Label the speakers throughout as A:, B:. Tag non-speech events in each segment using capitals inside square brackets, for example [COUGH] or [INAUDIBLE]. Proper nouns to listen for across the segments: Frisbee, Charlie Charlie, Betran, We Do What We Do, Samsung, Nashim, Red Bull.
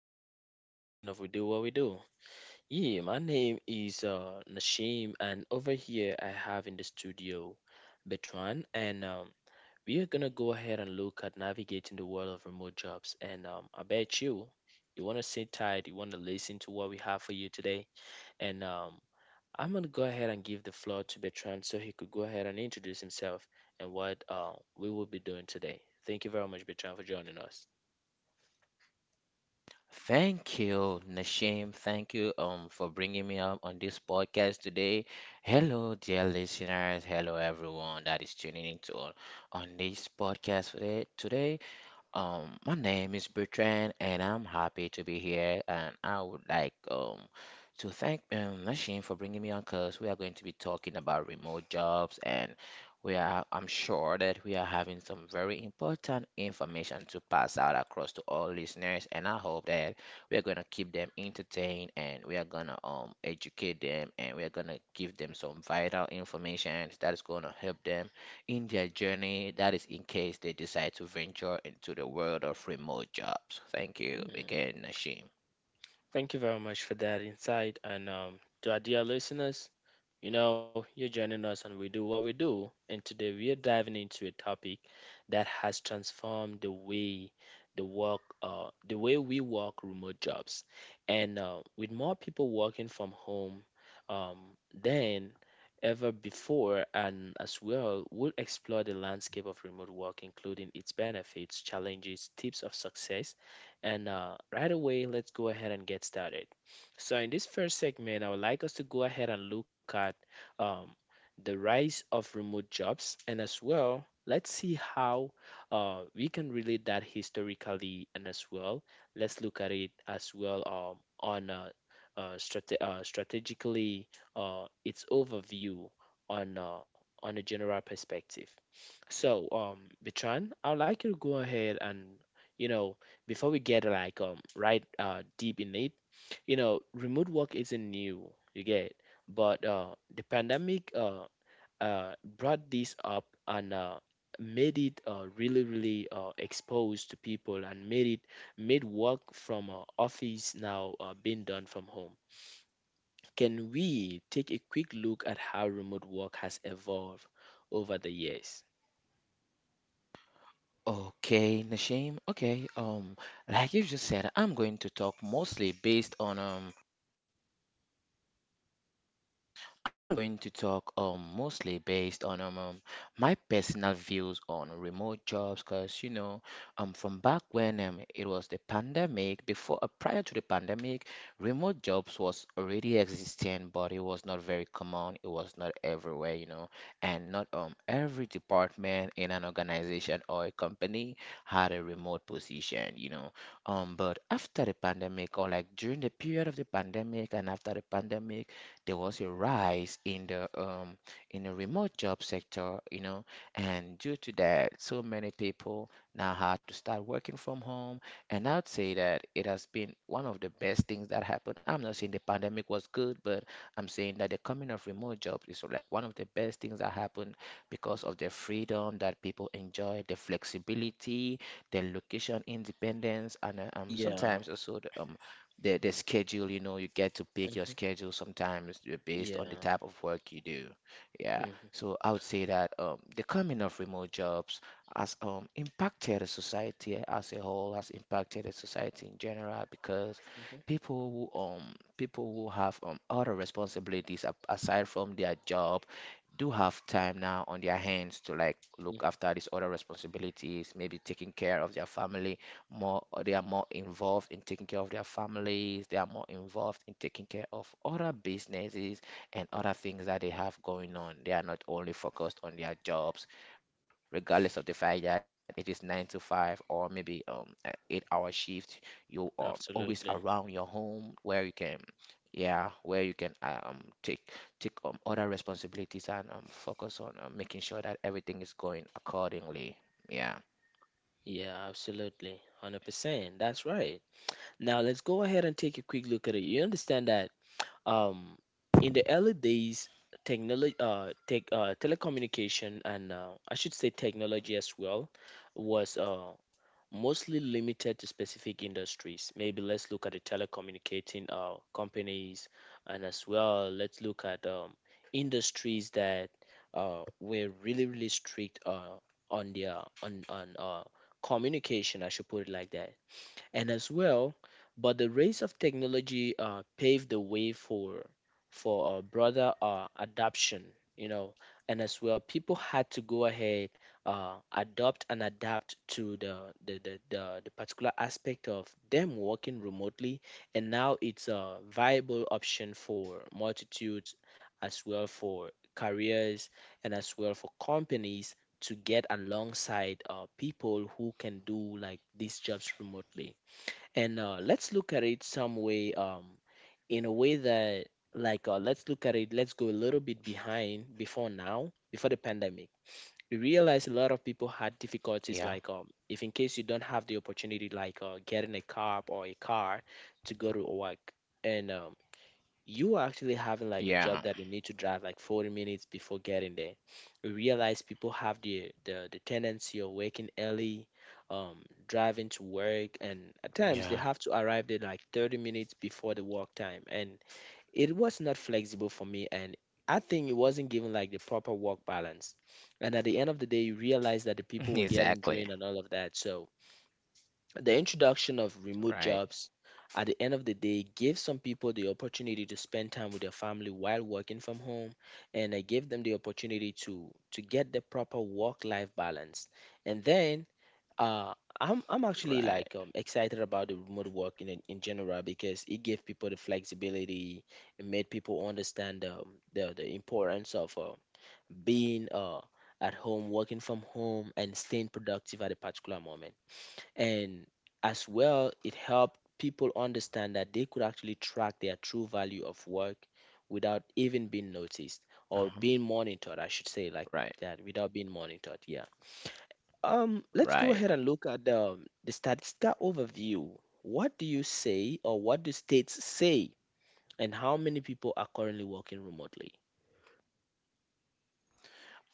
A: us to another session of We Do What We Do. Yeah, my name is Nashim, and over here I have in the studio Betran, and we are gonna go ahead and look at navigating the world of remote jobs. And I bet you, you wanna sit tight, you wanna listen to what we have for you today, and I'm gonna go ahead and give the floor to Betran so he could go ahead and introduce himself and what we will be doing today. Thank you very much, Betran, for joining us.
B: Thank you, Nashim. Thank you for bringing me up on this podcast today. Hello, dear listeners. Hello, everyone that is tuning in on this podcast today. Um, my name is Bertrand, and I'm happy to be here. And I would like to thank Nashim for bringing me on, cause we are going to be talking about remote jobs, and we are I'm sure that we are having some very important information to pass out across to all listeners, and I hope that we are gonna keep them entertained, and we are gonna educate them, and we are gonna give them some vital information that is gonna help them in their journey. That is in case they decide to venture into the world of remote jobs. Thank you
A: Mm,
B: again, Nashim.
A: Thank you very much for that insight. And to our dear listeners, you're joining us and we do what we do. And today we are diving into a topic that has transformed the way the way we work, remote jobs. And with more people working from home um, than ever before, and as well, we'll explore the landscape of remote work, including its benefits, challenges, tips of success. And right away, let's go ahead and get started. So in this first segment, I would like us to go ahead and look at um, the rise of remote jobs, and as well, let's see how we can relate that historically, and as well, let's look at it as well on strategically, its overview on uh, on a general perspective. So, Bitran, I'd like you to go ahead and, you know, before we get like right deep in it, you know, remote work isn't new. You get, but the pandemic, brought this up and made it really, really exposed to people and made work from office now being done from home. Can we take a quick look at how remote work has evolved over the years?
B: Okay, Nashim. Okay. Like you just said, I'm going to talk mostly based on my personal views on remote jobs, because you know, from back when it was the pandemic before, prior to the pandemic, remote jobs was already existing, but it was not very common, it was not everywhere, you know, and not every department in an organization or a company had a remote position, you know. But after the pandemic, or like during the period of the pandemic and after the pandemic, there was a rise in the in the remote job sector, you know, and due to that, so many people now had to start working from home. And I'd say that it has been one of the best things that happened. I'm not saying the pandemic was good, but I'm saying that the coming of remote jobs is like one of the best things that happened, because of the freedom that people enjoy, the flexibility, the location independence, and
A: Yeah.
B: sometimes also the schedule. You know, you get to pick your
A: Mhm,
B: schedule sometimes, based on the
A: yeah.
B: type of work you do. Yeah,
A: Mhm,
B: so I would say that the coming of remote jobs has impacted the society as a whole, has impacted the society in general, because
A: mhm,
B: people who um people who have other responsibilities aside from their job do have time now on their hands to like look
A: mhm.
B: after these other responsibilities, maybe taking care of their family more. They are more involved in taking care of their families, they are more involved in taking care of other businesses and other things that they have going on. They are not only focused on their jobs, regardless of the fact that it is 9 to 5 or maybe a 8-hour shift, you are always around your
A: Absolutely.
B: home where you can, yeah, where you can take other responsibilities and focus on making sure that everything is going accordingly. Yeah.
A: Yeah, absolutely. 100%. That's right. Now let's go ahead and take a quick look at it. You understand that. Um, in the early days, telecommunication, and I should say technology as well, was mostly limited to specific industries. Maybe let's look at the telecommunicating companies, and as well, let's look at industries that were really, really strict on their on communication. I should put it like that. And as well, but the rise of technology paved the way for broader adoption, you know, and as well, people had to go ahead, adopt and adapt to the particular aspect of them working remotely, and now it's a viable option for multitudes, as well for careers, and as well for companies to get alongside people who can do like these jobs remotely. And let's look at it some way, in a way that, like let's look at it let's go a little bit behind before now. Before the pandemic, we realized a lot of people had
B: Yeah.
A: difficulties, like if in case you don't have the opportunity, like getting a car to go to work. And you are actually having like a
B: Yeah.
A: job that you need to drive like 40 minutes before getting there. We realize people have the tendency of waking early, um, driving to work, and at
B: Yeah.
A: times they have to arrive there like 30 minutes before the work time. And it was not flexible for me, and I think it wasn't given like the proper work balance. And at the end of the day, you realize that the
B: [LAUGHS]
A: people were getting
B: Exactly.
A: drained and all of that. So the introduction of remote
B: Right.
A: jobs at the end of the day gave some people the opportunity to spend time with their family while working from home, and I gave them the opportunity to get the proper work life balance. And then uh I'm actually
B: Right.
A: like excited about the remote work in general because it gave people the flexibility, it made people understand the importance of being at home, working from home, and staying productive at a particular moment. And as well, it helped people understand that they could actually track their true value of work without even being noticed or
B: Uh-huh.
A: being monitored, I should say like
B: Right.
A: that, without being monitored. Yeah. Let's go ahead
B: Right.
A: and look at the statistical overview. What do you say or what do states say, and how many people are currently working remotely?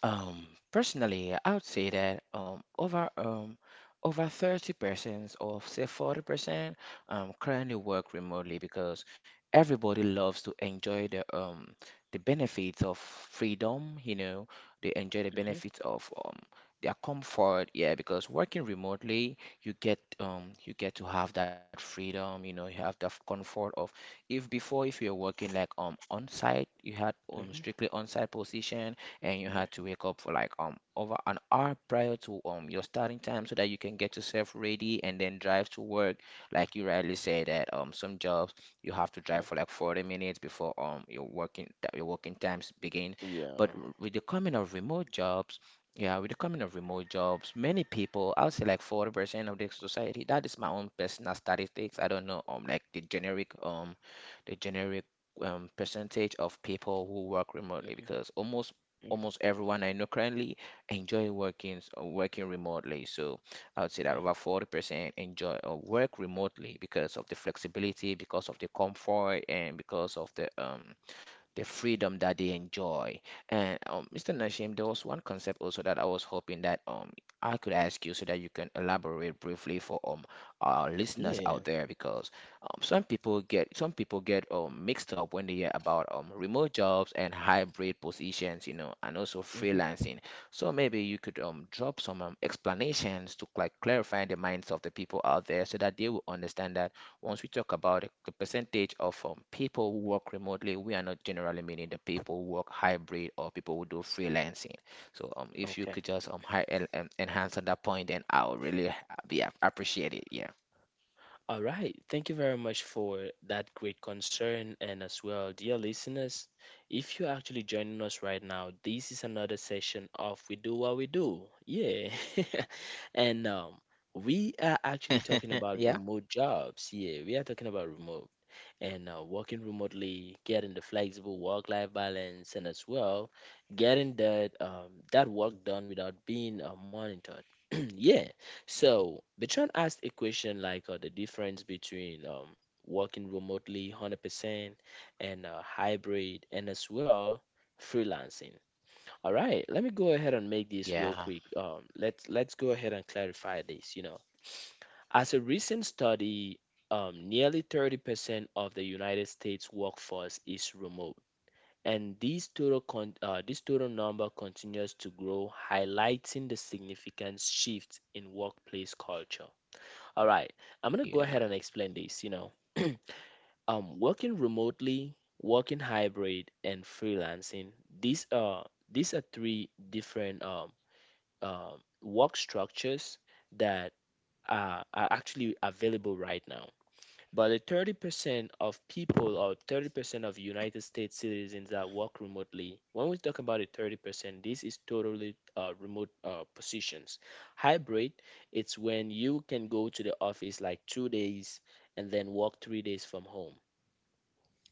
B: Personally, I would say that over 30% or say 40% currently work remotely, because everybody loves to enjoy the benefits of freedom. You know, they enjoy the
A: Mhm,
B: benefits of their comfort. Yeah, because working remotely, you get to have that freedom. You know, you have the comfort of, if before, if you're working like on site, you had
A: mhm,
B: strictly on site position, and you had to
A: mhm,
B: wake up for like over an hour prior to your starting time so that you can get yourself ready and then drive to work. Like you rightly said that some jobs you have to drive for
A: mhm.
B: like 40 minutes before your working times begin.
A: Yeah.
B: With the coming of remote jobs, yeah, with the coming of remote jobs, many people, I would say like 40% of the society, that is my own personal statistics. I don't know like the generic percentage of people who work remotely,
A: Mhm,
B: because
A: mhm,
B: almost everyone I know currently enjoy working remotely. So I would say that
A: mhm.
B: over 40% enjoy or work remotely because of the flexibility, because of the comfort, and because of the freedom that they enjoy. And Mr. Nashim, there was one concept also that I was hoping that I could ask you so that you can elaborate briefly for our listeners
A: Yeah.
B: out there, because some people get mixed up when they hear about remote jobs and hybrid positions, you know, and also
A: Hmm.
B: freelancing. So maybe you could drop some explanations to like clarify the minds of the people out there, so that they will understand that once we talk about it, the percentage of people who work remotely, we are not generally meaning the people who work hybrid or people who do freelancing. So if you
A: Okay.
B: could just enhance on that point, then I would really appreciate it. Yeah.
A: All right. Thank you very much for that great concern. And as well, dear listeners, if you're actually joining us right now, this is another session of We Do What We Do. Yeah. [LAUGHS] And we are actually talking about
B: Yeah.
A: remote jobs. Yeah. We are talking about remote and working remotely, getting the flexible work-life balance, and as well getting that that work done without being monitored. [CLEARS THROAT] Yeah. So Bertrand asked a question like the difference between working remotely 100% and hybrid, and as well freelancing. All right, let me go ahead and make this real
B: Yeah.
A: quick. Let's go ahead and clarify this. You know, as a recent study, nearly 30% of the United States workforce is remote, and this total, con- this total number continues to grow, highlighting the significant shift in workplace culture. All right, I'm gonna go ahead and
B: Yeah.
A: explain this. You know, [CLEARS THROAT] working remotely, working hybrid, and freelancing. These are these are three different work structures that are actually available right now. But the 30% of people, or 30% of United States citizens that work remotely, when we talk about the 30%, this is totally remote positions. Hybrid, it's when you can go to the office like 2 days and then work 3 days from home.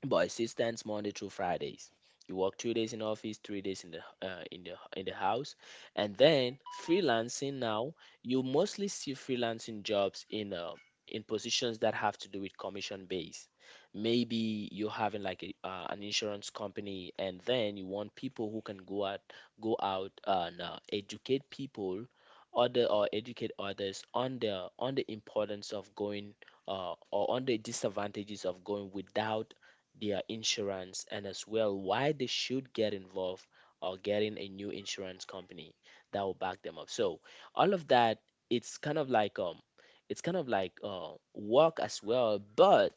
A: But she stands Monday through Fridays. You work 2 days in office, 3 days in the in the in the house, and then freelancing. Now you mostly see freelancing jobs in positions that have to do with commission base. Maybe you're having like an insurance company, and then you want people who can go out and educate people, other or educate others on the, on the importance of going or on the disadvantages of going without their insurance, and as well why they should get involved or getting a new insurance company that will back them up. So all of that, it's kind of like um it's kind of like work as well, but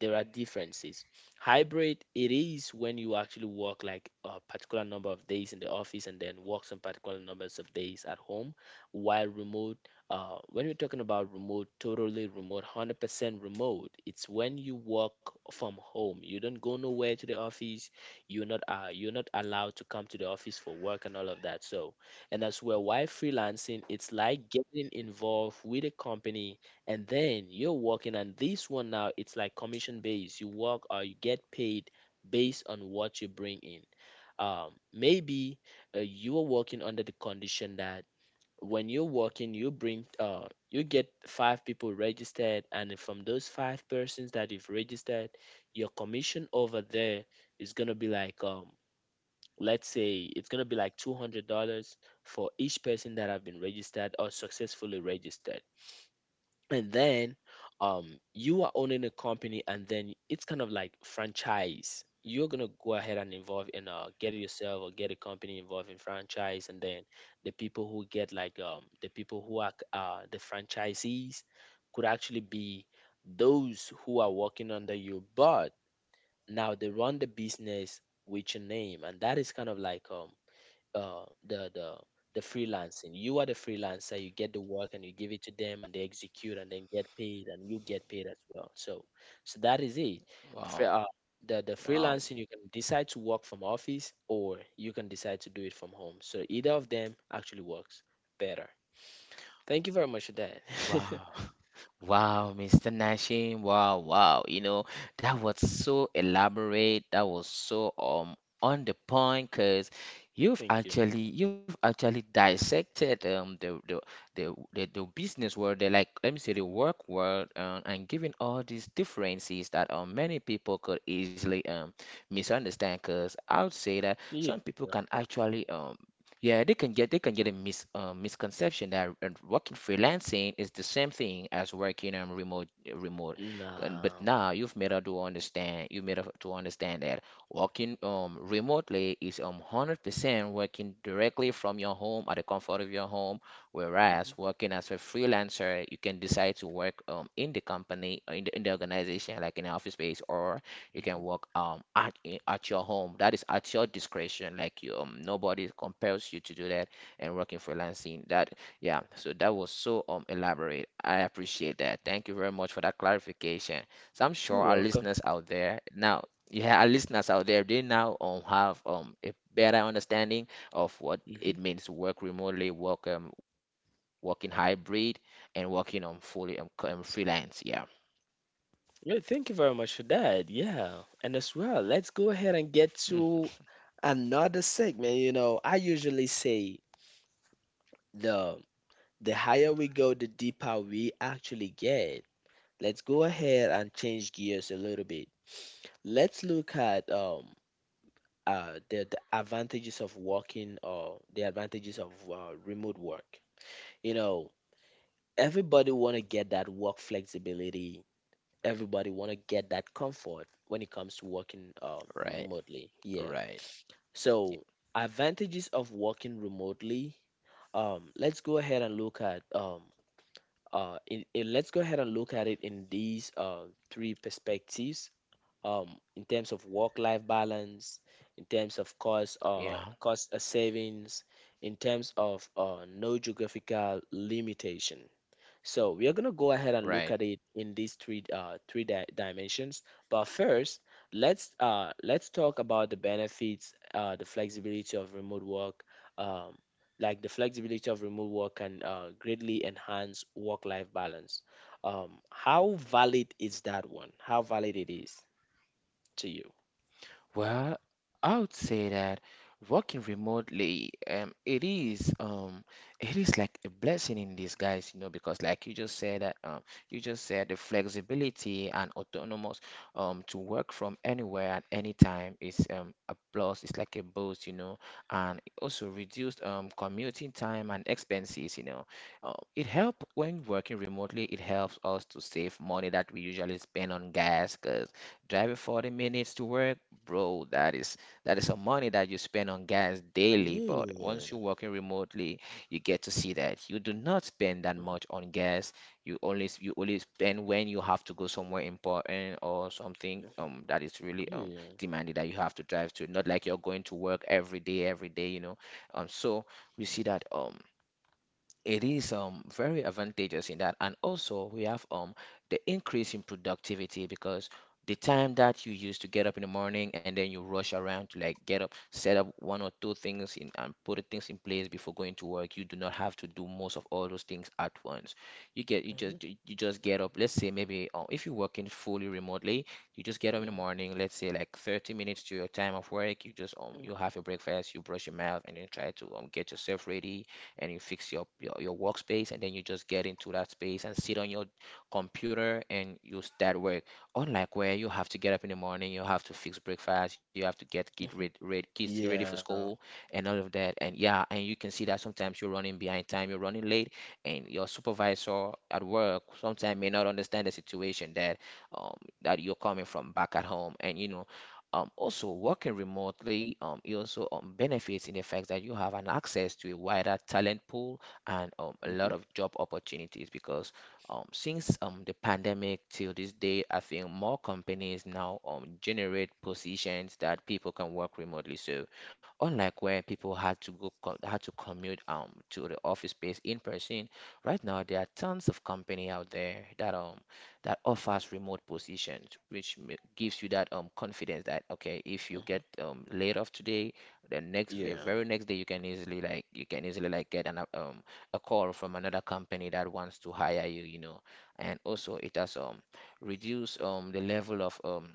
A: there are differences. Hybrid, it is when you actually work like a particular number of days in the office and then work some particular numbers of days at home, while remote, when we're talking about remote, totally remote, 100% remote, it's when you work from home. You don't go nowhere to the office. You're not allowed to come to the office for work and all of that. So, and as well, why freelancing? It's like getting involved with a company and then you're working. And this one now, it's like commission based. You work or you get paid based on what you bring in. Maybe you are working under the condition that when you're working you bring you get five people registered, and then from those five persons that you've registered your commission over there is gonna be like let's say it's gonna be like $200 for each person that have been registered or successfully registered. And then um you are owning a company, and then it's kind of like franchise. You're gonna go ahead and involve in get yourself or get a company involved in franchise, and then the people who are the franchisees could actually be those who are working under you, but now they run the business with your name, and that is kind of like uh, the the the freelancing. You are the freelancer. You get the work and you give it to them, and they execute and then get paid, and you get paid as well. So, so that is it. Fre-
B: Wow.
A: uh, the
B: Wow.
A: freelancing, you can decide to work from office or you can decide to do it from home. So either of them actually works better. Thank you very much for that. [LAUGHS]
B: Wow. [LAUGHS] Wow, Mr. Nashim. Wow, wow. You know, that was so elaborate. That was so on the point, because
A: Thank you.
B: you've actually dissected the business world, the, like let me say, the work world, and given all these differences that many people could easily misunderstand. Because I would say that
A: Yeah.
B: some people can actually, yeah, they can get a misconception that working freelancing is the same thing as working remote. But
A: Nah.
B: now you made her to understand that working remotely is 100% working directly from your home at the comfort of your home, whereas
A: Hmm.
B: working as a freelancer, you can decide to work in the organization, like in the office space, or you can
A: Hmm.
B: work at your home. That is at your discretion, like you, nobody compels you to do that and working freelancing that, yeah. So that was so elaborate. I appreciate that. Thank you very much for that clarification. So I'm sure
A: You're
B: our
A: welcome.
B: listeners out there now, yeah, our listeners out there, they now have a better understanding of what
A: Hmm.
B: it means to work remotely, working hybrid, and working on fully freelance. Yeah.
A: Yeah, thank you very much for that. Yeah. And as well, let's go ahead and
B: Mm,
A: get to another segment. You know, I usually say the the higher we go, the deeper we actually get. Let's go ahead and change gears a little bit. Let's look at the advantages of working or the advantages of remote work. You know, everybody want to get that work flexibility. Everybody want to get that comfort when it comes to working
B: right.
A: remotely. Yeah.
B: Right.
A: So advantages of working remotely. Let's go ahead and look at let's go ahead and look at it in these three perspectives. Um, in terms of work-life balance, in terms of cost,
B: Yeah.
A: cost savings, in terms of no geographical limitation. So we are going to go ahead and look
B: Right.
A: at it in these three dimensions. But first, let's talk about the benefits, the flexibility of remote work. Um, like the flexibility of remote work can greatly enhance work-life balance. How valid is that one? How valid it is to you?
B: Well, I would say that working remotely, it is, it is like a blessing in disguise. You know, because like you just said that, you just said the flexibility and autonomous to work from anywhere at any time is a plus. It's like a boost, you know. And it also reduced commuting time and expenses, you know. It help when working remotely. It helps us to save money that we usually spend on gas, driving 40 minutes to work, bro. That is some money that you spend on gas daily, but
A: Yeah.
B: once you're working remotely, you get to see that you do not spend that
A: Mhm.
B: much on gas. You only spend when you have to go somewhere important or something
A: Mhm.
B: that is really
A: Yeah.
B: demanded, that you have to drive to, not like you're going to work every day, every day, you know. So we see that it is very advantageous in that. And also we have the increase in productivity, because the time that you use to get up in the morning and then you rush around to like get up, set up one or two things in and put the things in place before going to work, you do not have to do most of all those things at once.
A: Mhm.
B: You just get up, let's say, maybe, if you're working fully remotely, you just get up in the
A: Mhm.
B: morning, let's say, like 30 minutes to your time of work, you just,
A: Mhm.
B: you have your breakfast, you brush your mouth and then try to get yourself ready, and you fix your workspace, and then you just get into that space and sit on your computer and you start work, unlike where you have to get up in the morning, you have to fix breakfast, you have to get
A: Mhm. Mhm.
B: kids ready for
A: Yeah.
B: school and all of that. And yeah, and you can see that sometimes you're running behind time, you're running late, and your supervisor at work sometimes may not understand the situation that, um, that you're coming from back at home, and you know, also, working remotely, it also benefits in the fact that you have an access to a wider talent pool and a
A: Mhm.
B: lot of job opportunities because since the pandemic till this day, I think more companies now generate positions that people can work remotely. So, unlike where people had to had to commute to the office space in person, right now there are tons of company out there that that offers remote positions, which gives you that confidence that okay, if you get
A: Mhm.
B: laid off today, the
A: Yeah.
B: very next day you can easily like get an a call from another company that wants to hire you, you know. And also it has reduced the level of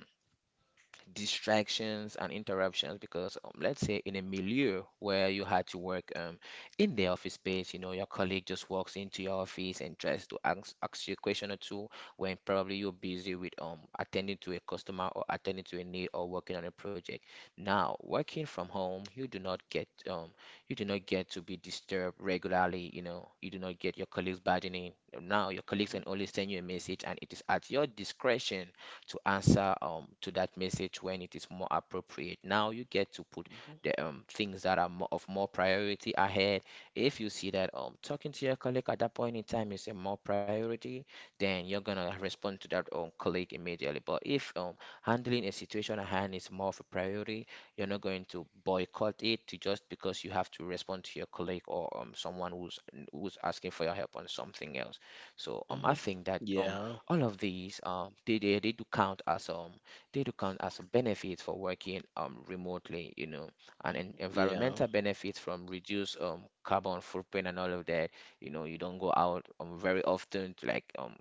B: distractions and interruptions because let's say in a milieu where you had to work in the office space, your colleague just walks into your office and tries to ask you a question or two when probably you're busy with attending to a customer or attending to a need or working on a project. Now working from home you do not get you do not get to be disturbed regularly. You do not get your colleagues barging in. Now your colleagues
A: Mhm.
B: can only send you a message, and it is at your discretion to answer to that message when it is more appropriate. Now you get to put
A: Mhm.
B: the things that are more, of more priority ahead. If you see that talking to your colleague at that point in time is a more priority, then you're gonna respond to that colleague immediately. But if handling a situation at hand is more of a priority, you're not going to boycott it to just because you have to respond to your colleague or someone who's asking for your help on something else. So I
A: Hmm.
B: think that
A: Yeah.
B: all of these they do count as they do count as a benefit for working remotely, you know, and
A: Yeah.
B: environmental benefits from reduced carbon footprint and all of that. You know, you don't go out very often to like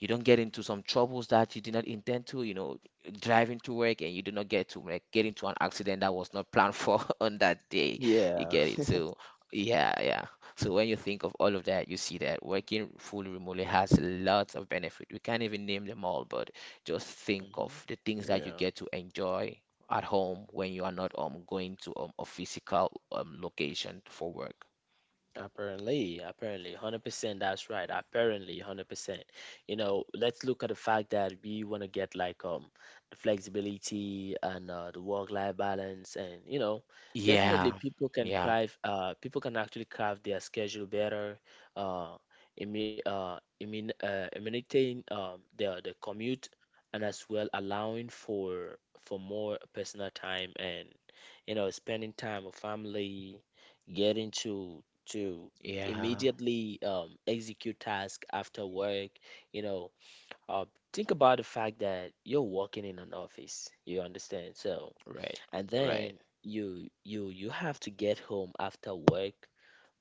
B: you don't get into some troubles that you did not intend to, driving to work, and you do not get to get into an accident that was not planned for [LAUGHS] on that day, you
A: Yeah.
B: get it. So yeah, yeah, so when you think of all of that, you see that working fully remotely has lots of benefit, we can't even name them all, but just think
A: Hmm.
B: of the things that you
A: Yeah.
B: get to enjoy at home when you are not going to a physical location for work.
A: Apparently, 100%, that's right. Apparently, 100%. You know, let's look at the fact that we want to get like the flexibility and the work-life balance, and you know, definitely
B: Yeah. Yeah.
A: people can actually craft their schedule better, uh imi imin eliminating the commute, and as well allowing for more personal time, and you know, spending time with family, getting to
B: Yeah.
A: immediately execute tasks after work. You know, uh, think about the fact that you're working in an office. You understand? So,
B: Right.
A: and
B: Right.
A: then you have to get home after work.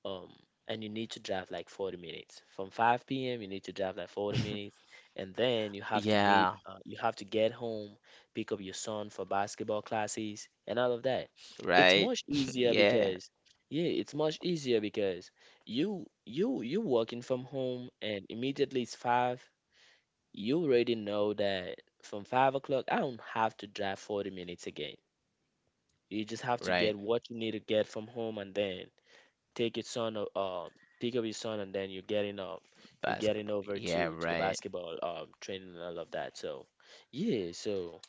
A: um and you need to drive like 40 minutes from 5 p.m. You need to drive like 40 minutes, and then
B: Yeah.
A: you have to get home, pick up your son for basketball classes and all of that. It's
B: Right.
A: much easier
B: [LAUGHS] Yeah.
A: because, yeah, it's much easier because you working from home, and immediately it's 5. You already know that from 5 o'clock I don't have to drive 40 minutes again. You just have to get
B: Right.
A: what you need to get from home, and then take his son, uh, uh, pick up his son, and then you're getting
B: Basketball.
A: over
B: Yeah,
A: to the
B: right.
A: basketball training and all of that. So yeah, so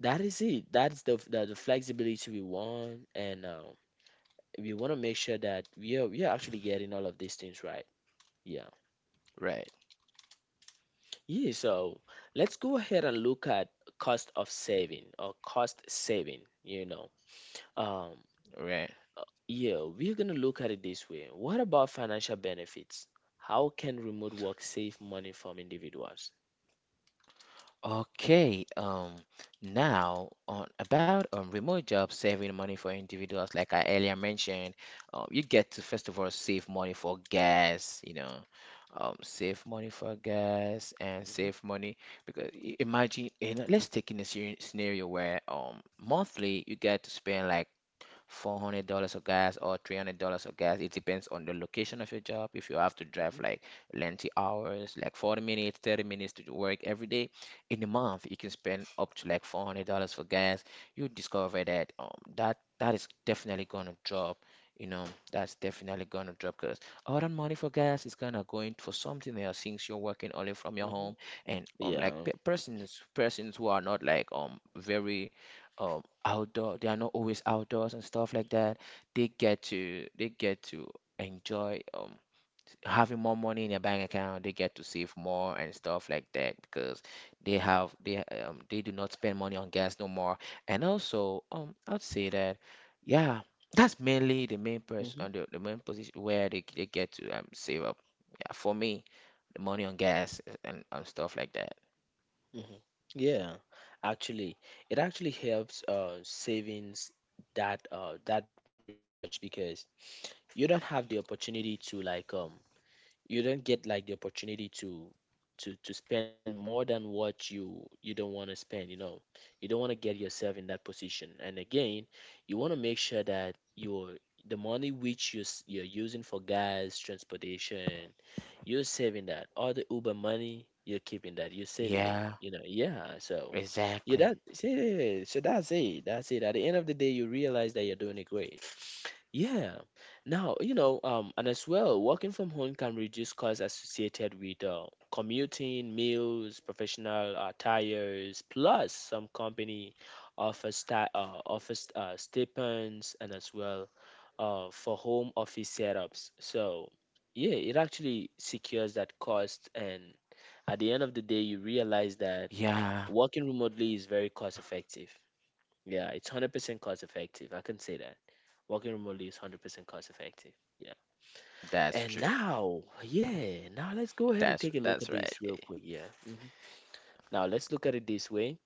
A: that is it. That's the flexibility we want, and we want to make sure that we are actually getting all of these things right. Yeah,
B: Right.
A: yeah. So let's go ahead and look at cost of saving or cost saving. You know, um,
B: Right.
A: yeah, we're going to look at it this way. What about financial benefits? How can remote work save money from individuals?
B: Okay. Now on about remote jobs saving money for individuals, like I earlier mentioned, you get to first of all save money for gas, you know. Save money for gas and
A: Hmm.
B: save money because imagine in, let's take in a scenario where monthly you get to spend like $400 of gas or $300 of gas. It depends on the location of your job. If you have to
A: Hmm.
B: drive like lengthy hours, like 40 minutes, 30 minutes to work every day, in a month, you can spend up to like $400 for gas. You discover that that is definitely going to drop. You know, that's definitely going to drop because all that money for gas is going to go in for something else since you're working only from your
A: Hmm.
B: home. And like
A: Yeah.
B: persons who are not like very outdoor, they are not always outdoors and stuff like that, they get to enjoy having more money in their bank account. They get to save more and stuff like that because they have they do not spend money on gas no more. And also I'd say that, yeah, that's mainly the main person,
A: Hmm.
B: the main position where they get to save up, yeah, for me, the money on gas, and stuff like that.
A: Hmm. Yeah. Actually, it actually helps savings that really much, because you don't have the opportunity to like you don't get like the opportunity to spend more than what you don't want to spend, you know. You don't want to get yourself in that position, and again, you want to make sure that your the money which you're using for gas transportation, you're saving that. All the Uber money, you're keeping that. You're saving it.
B: Yeah,
A: You know, yeah. So yeah,
B: exactly.
A: yeah, so that's it. That's it. At the end of the day, you realize that you're doing it great. Yeah. Now, you know, and as well, working from home can reduce costs associated with commuting, meals, professional attires, plus some company offers stipends, and as well for home office setups. So yeah, it actually secures that cost. And at the end of the
B: Yeah,
A: day, you realize that working remotely is very cost effective. Yeah, it's 100% cost effective. I can say that. Working remotely is
B: that's true.
A: 100% cost effective. Yeah. And
B: That's
A: now,
B: right.
A: yeah, now let's go ahead and take a look at this real quick. Yeah. Now let's look at it this way.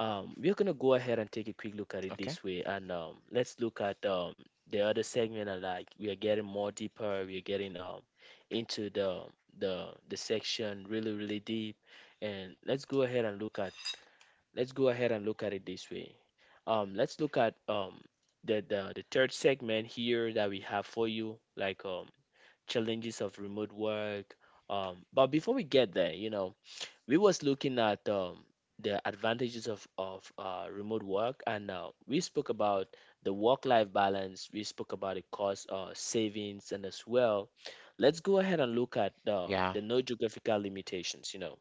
B: Okay.
A: We're gonna go ahead and take a quick look at it this way, and let's look at the other segment. And like we are getting more deeper, we are getting into the section really really deep, and let's go ahead and look at it this way. Let's look at the third segment here that we have for you, like challenges of remote work. But before we get there, you know, we was looking at the advantages of remote work, and we spoke about the work life balance. We spoke about the cost savings, and as well, let's go ahead and look at
B: Yeah.
A: the no geographical limitations. You know,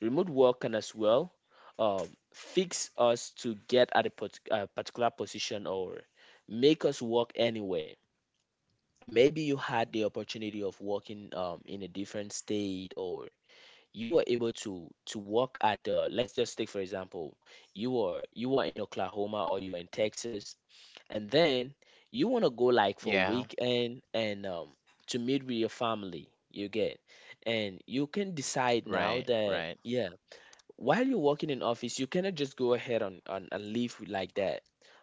A: remote work can as well uh, fix us to get at a particular position, or make us work anywhere. Maybe you had the opportunity of working in a different state, or you were able to work at let's just take for example, you are in Oklahoma, or you are in Texas, and then you want to go
B: Yeah.
A: like for a weekend and to meet with your family. You get, and you can
B: Right.
A: decide now
B: Right.
A: that, yeah, while you're working in office you cannot just go ahead on and leave like that.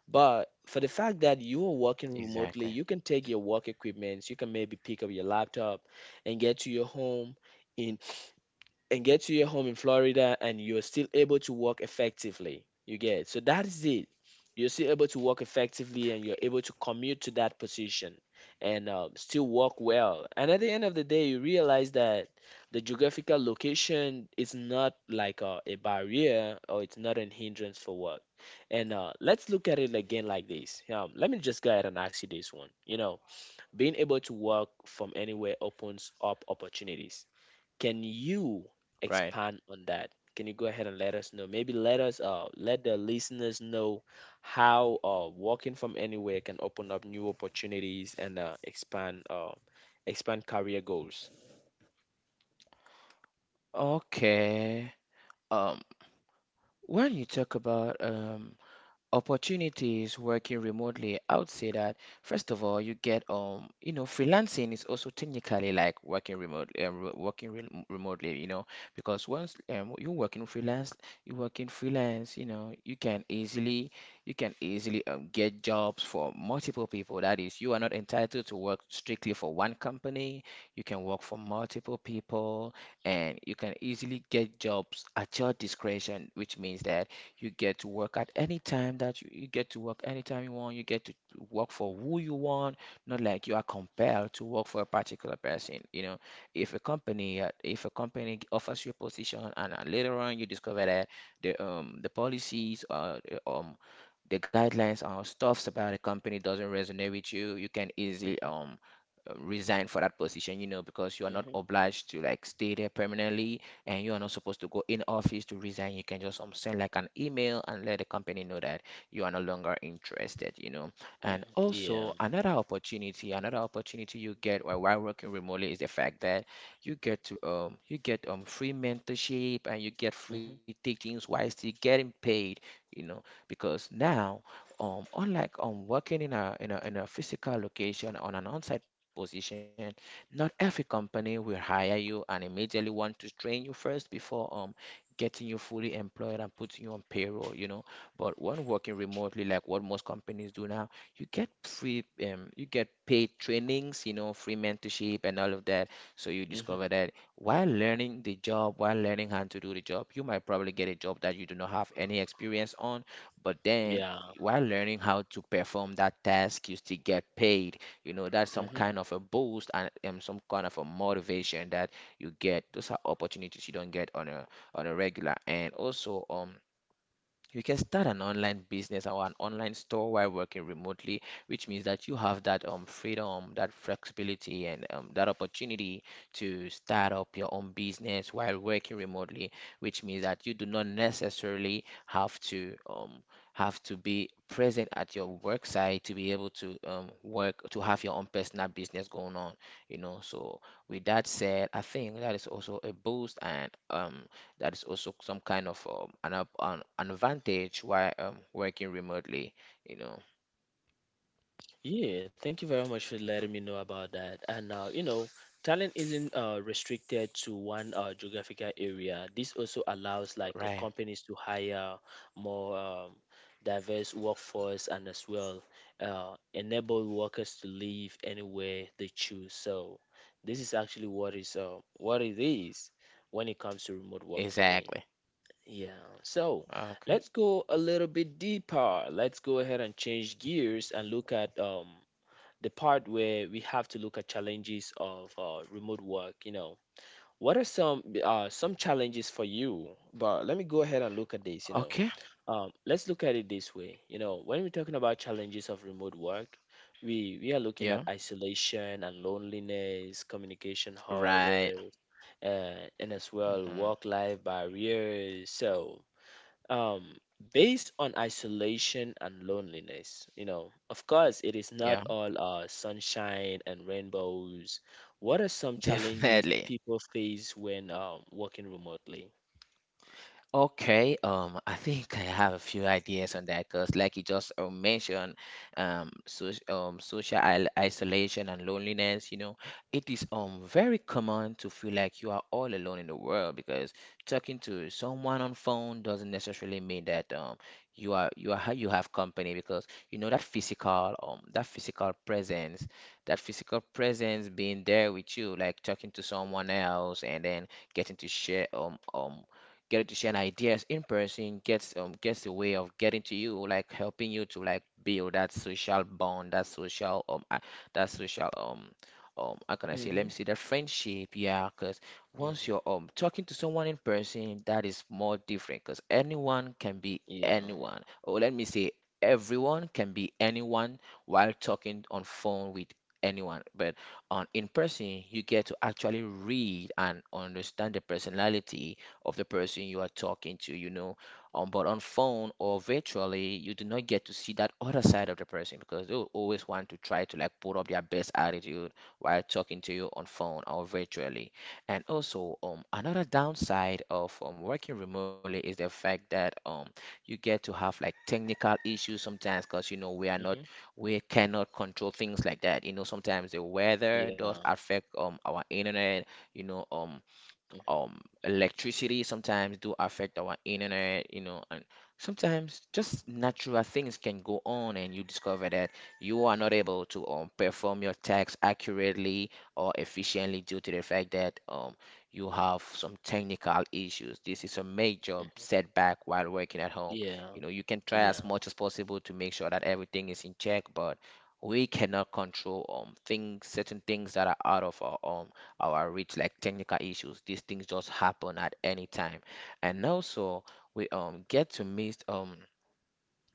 A: But for the fact that you are working
B: Exactly.
A: remotely, you can take your work equipment, you can maybe pick up your laptop and get to your home in and get to your home in Florida, and you're still able to work effectively. You get. So that is it. You're still able to work effectively, and you're able to commute to that position and still work well. And at the end of the day, you realize that the geographical location is not like a barrier, or it's not an hindrance for work. And let's look at it again like this. Let me just go ahead and ask you this one. You know, being able to work from anywhere opens up opportunities. Can you
B: Right.
A: expand on that? Can you go ahead and let us know? Maybe let us let the listeners know how working from anywhere can open up new opportunities and expand career goals.
B: Okay. Um, when you talk about opportunities working remotely, I would say that first of all, you get you know, freelancing is also technically like working working remotely, you know, because once you're working freelance, you know, you can easily get jobs for multiple people. That is, you are not entitled to work strictly for one company. You can work for multiple people, and you can easily get jobs at your discretion, which means that you get to work at any time you get to work anytime you want. You get to work for who you want, not like you are compelled to work for a particular person. You know, if a company offers you a position, and later on you discover that the policies or um the guidelines or stuffs about a company doesn't resonate with you, you can easily
A: Mhm.
B: resign for that position, you know, because you are not
A: Mhm.
B: obliged to like stay there permanently, and you are not supposed to go in office to resign. You can just send like an email and let the company know that you are no longer interested, you know. And
A: Mhm.
B: also,
A: Yeah.
B: another opportunity you get while, working remotely is the fact that you get to you get free mentorship, and you get free
A: Mhm.
B: teachings while still getting paid, you know, because now unlike working in a physical location on an on-site position, not every company will hire you and immediately want to train you first before getting you fully employed and putting you on payroll, you know. But when working remotely, like what most companies do now, you get free you get paid trainings, you know, free mentorship and all of that. So you
A: Mhm.
B: discover that while learning the job, while learning how to do the job, you might probably get a job that you do not have any experience on, but then
A: Yeah.
B: while learning how to perform that task, you still get paid, you know. That's some kind of a boost and some kind of a motivation that you get. Those are opportunities you don't get on a regular. And also you can start an online business or an online store while working remotely, which means that you have that freedom, that flexibility, and that opportunity to start up your own business while working remotely, which means that you do not necessarily have to be present at your work site to be able to work to have your own personal business going on, you know. So with that said, I think that is also a boost and that is also some kind of an, up- an advantage while working remotely, you know.
A: Yeah, thank you very much for letting me know about that. And you know, talent isn't restricted to one geographical area. This also allows like
B: Right.
A: companies to hire more diverse workforce, and as well enable workers to live anywhere they choose. So this is actually what is what it is when it comes to remote work for me.
B: Exactly.
A: Yeah. So
B: Okay.
A: let's go a little bit deeper. Let's go ahead and change gears and look at the part where we have to look at challenges of remote work. You know, what are some challenges for you? But let me go ahead and look at this. You know,
B: Okay.
A: let's look at it this way. You know, when we're talking about challenges of remote work, we are looking at
B: Yeah.
A: isolation and loneliness, communication
B: Right.
A: hurdles, and as well
B: Hmm.
A: work life barriers. So um based on isolation and loneliness, you know, of course it is not
B: Yeah.
A: all sunshine and rainbows. What are
B: [LAUGHS]
A: some challenges
B: Definitely.
A: people face when working remotely?
B: Okay. I think I have a few ideas on that because, like you just mentioned, so, social isolation and loneliness, you know, it is very common to feel like you are all alone in the world because talking to someone on phone doesn't necessarily mean that you have company, because you know that physical that physical presence being there with you, like talking to someone else and then getting to share get to share ideas in person, gets gets a way of getting to you, like helping you to like build that social bond, that social that social um how can I say, let
A: Mm-hmm.
B: me see, that friendship. Yeah, because once you're
A: Mm-hmm.
B: talking to someone in person, that is more different, because anyone can be
A: Yeah.
B: anyone, or let me say everyone can be anyone while talking on phone with anyone. But on in person you get to actually read and understand the personality of the person you are talking to, you know. But on phone or virtually, you do not get to see that other side of the person because they will always want to try to like put up their best attitude while talking to you on phone or virtually. And also, another downside of working remotely is the fact that you get to have like technical issues sometimes, because you know
A: Mm-hmm.
B: we are not we cannot control things like that. You know, sometimes the
A: Yeah.
B: weather does affect our internet. You know, electricity sometimes do affect our internet, you know, and sometimes just natural things can go on and you discover that you are not able to perform your tasks accurately or efficiently due to the fact that you have some technical issues. This is a major
A: Mm-hmm.
B: setback while working at home.
A: Yeah.
B: You know, you can
A: Yeah.
B: try as much as possible to make sure that everything is in check, but we cannot control things certain things that are out of our reach, like technical issues. These things just happen at any time. And also, we get to meet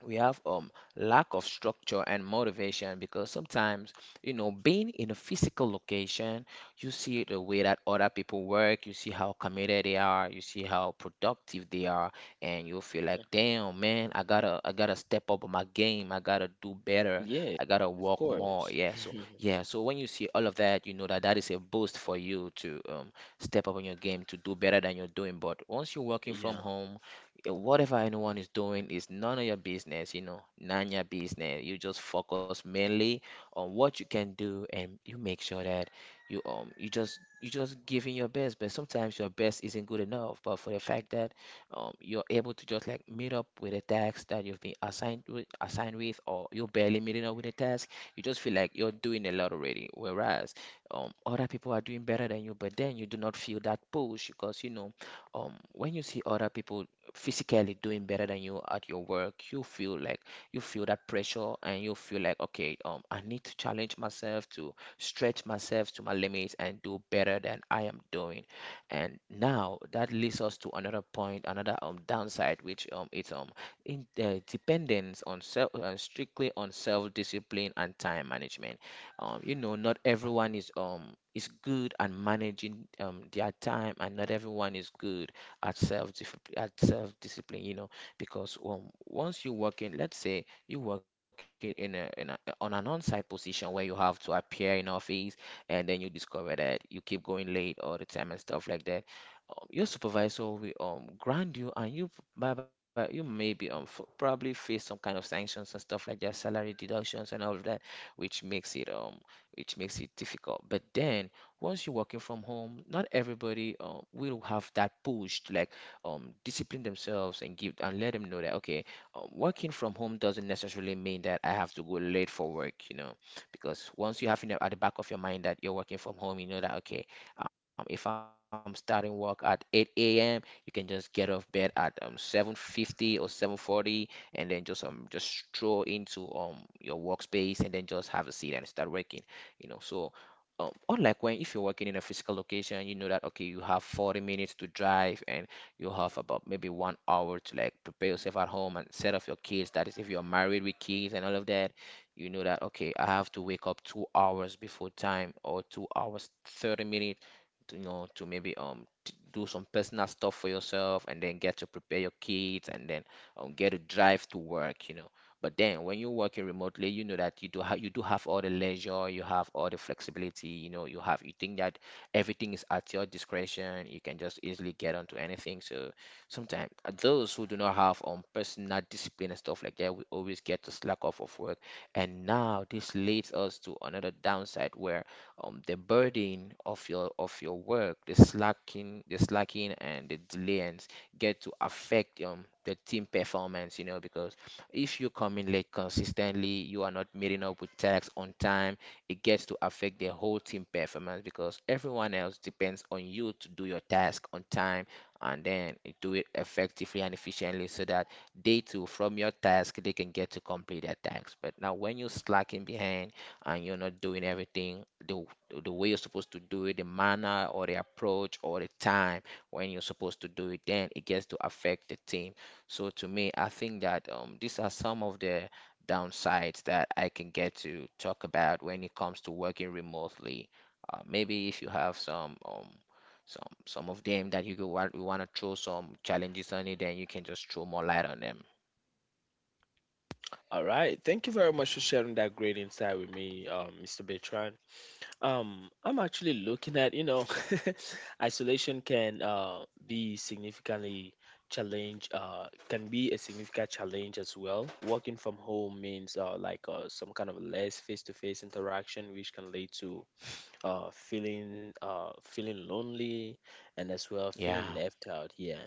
B: we have lack of structure and motivation, because sometimes, you know, being in a physical location, you see the way that other people work, you see how committed they are, you see how productive they are, and you feel like,
A: Mm-hmm.
B: damn man, I gotta step up my game, I gotta do better,
A: Yeah.
B: I gotta
A: Of
B: work
A: course.
B: more. Yeah, so yeah, so when you see all of that, you know that that is a boost for you to step up on your game, to do better than you're doing. But once you're working
A: Yeah.
B: from home, whatever anyone is doing is none of your business, you know, none your business. You just focus mainly on what you can do, and you make sure that you just giving your best, but sometimes your best isn't good enough. But for the fact that you're able to just like meet up with a task that you've been assigned with or you're barely meeting up with a task, you just feel like you're doing a lot already. Whereas other people are doing better than you, but then you do not feel that push because you know, when you see other people physically doing better than you at your work, you feel like, you feel that pressure, and you feel like, okay, I need to challenge myself, to stretch myself to my limits and do better than I am doing. And now that leads us to another point, another downside, which it's in dependence on self, strictly on self discipline and time management. You know, not everyone is good at managing their time, and not everyone is good at self, at self discipline, you know, because once you work in, let's say you working in a, on an on-site position where you have to appear in office, and then you discover that you keep going late all the time and stuff like that, your supervisor will ground you and you, bye bye, you maybe probably face some kind of sanctions and stuff like that, salary deductions and all of that, which makes it um which makes it difficult. But then once you're working from home, not everybody will have that push to like discipline themselves and give and let them know that, okay, working from home doesn't necessarily mean that I have to go late for work, you know, because once you have in the, at the back of your mind that you're working from home, you know that, okay, if I'm starting work at 8 a.m., you can just get off bed at 7:50 or 7:40, and then just stroll into your workspace and then just have a seat and start working, you know. So or like, when if you're working in a physical location, you know that, okay, you have 40 minutes to drive, and you have about maybe 1 hour to like prepare yourself at home and set up your kids, that is if you're married with kids and all of that. You know that, okay, I have to wake up 2 hours before time, or 2 hours 30 minutes, to, you know, to maybe t do some personal stuff for yourself and then get to prepare your kids and then get to drive to work, you know. But then when you're working remotely, you know that you do have, you do have all the leisure, you have all the flexibility, you know, you have, you think that everything is at your discretion, you can just easily get onto anything. So sometimes those who do not have personal discipline and stuff like that, we always get to slack off of work. And now this leads us to another downside where the burden of your, of your work, the slacking and the delays get to affect the team performance, you know, because if you come in late consistently, you are not meeting up with tasks on time, it gets to affect the whole team performance, because everyone else depends on you to do your task on time and then do it effectively and efficiently, so that they too, from your task, they can get to complete their tasks. But now when you're slacking behind and you're not doing everything the way you're supposed to do it, the manner or the approach or the time when you're supposed to do it, then it gets to affect the team. So to me, I think that these are some of the downsides that I can get to talk about when it comes to working remotely. Maybe if you have some of them that you want to throw some challenges on it, then you can just throw more light on them.
A: All right, thank you very much for sharing that great insight with me, Mr. Bertrand. I'm actually looking at, you know, [LAUGHS] isolation can be significantly can be a significant challenge as well. Working from home means some kind of less face-to-face interaction, which can lead to feeling lonely, and as well feeling
B: Yeah,
A: left out. Yeah.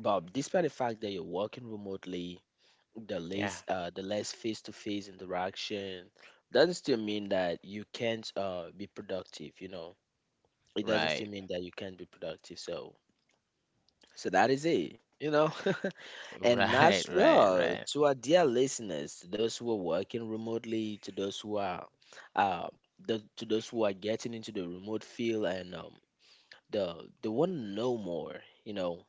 A: But despite the fact that you're working remotely,
B: yeah,
A: the less face-to-face interaction doesn't still mean that you can't be productive, you know. It doesn't still
B: right,
A: mean that you can't be productive. So that is it, you know.
B: [LAUGHS]
A: [LAUGHS] And as
B: right, right,
A: well,
B: right.
A: to our dear listeners, to those who are working remotely, to those who are uh to those who are getting into the remote field, and the they want to know more. You know,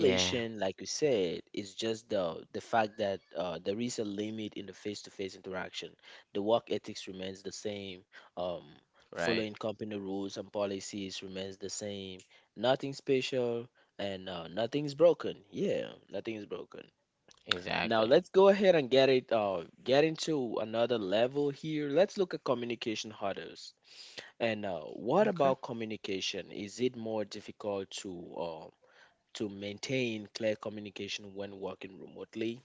B: Yeah.
A: like you said, is just the fact that there is a limit in the face-to-face interaction. The work ethics remains the same. um,
B: Right.
A: Following company rules and policies remains the same. Nothing special, and nothing's broken. Yeah, nothing is broken. Now
B: Exactly.
A: let's go ahead and get into another level here. Let's look at communication hurdles, and what
B: Okay.
A: about communication? Is it more difficult to maintain clear communication when working remotely?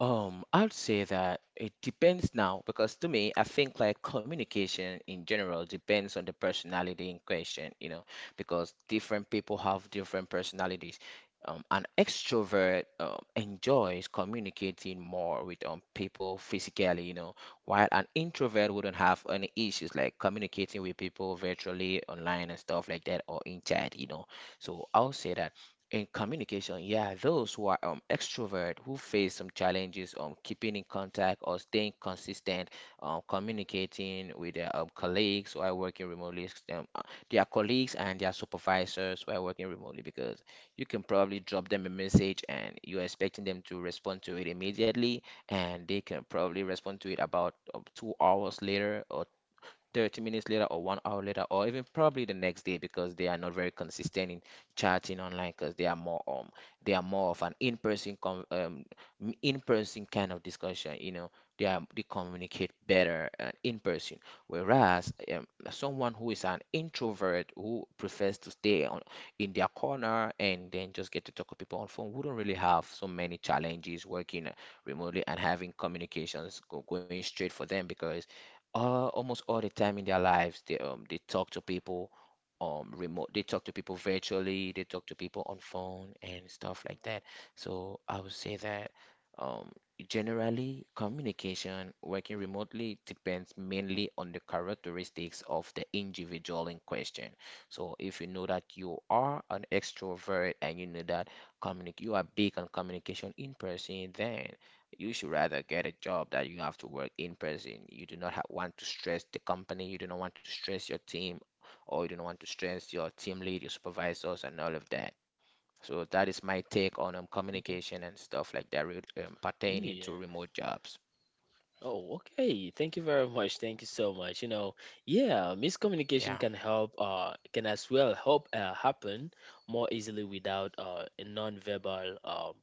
B: I'd say that it depends now, because to me, I think like communication in general depends on the personality in question, you know, because different people have different personalities. An extrovert enjoys communicating more with people physically, you know, while an introvert wouldn't have any issues like communicating with people virtually, online, and stuff like that, or in chat, you know. So I'll say that in communication, yeah, those who are extrovert who face some challenges keeping in contact or staying consistent, communicating with their colleagues while working remotely, their colleagues and their supervisors while working remotely, because you can probably drop them a message and you're expecting them to respond to it immediately, and they can probably respond to it about 2 hours later, or 30 minutes later, or 1 hour later, or even probably the next day, because they are not very consistent in chatting online, because they are more of an in-person kind of discussion, you know. They are, they communicate better in person. Whereas someone who is an introvert, who prefers to stay on, in their corner and then just get to talk to people on phone, wouldn't really have so many challenges working remotely and having communications go, going straight for them, because almost all the time in their lives, they talk to people remote. They talk to people virtually. They talk to people on phone and stuff like that. So I would say that um generally, communication working remotely depends mainly on the characteristics of the individual in question. So if you know that you are an extrovert and you know that communic you are big on communication in person, then you should rather get a job that you have to work in person. You do not want to stress the company, you do not want to stress your team, or you do not want to stress your team lead, your supervisors, and all of that. So that is my take on
A: Hmm.
B: communication and stuff like that,
A: Yeah.
B: pertaining to remote jobs.
A: Oh, okay. Thank you very [LAUGHS] much. Thank you so much. You know, yeah,
B: Yeah,
A: miscommunication can help, can as well help happen more easily without a non-verbal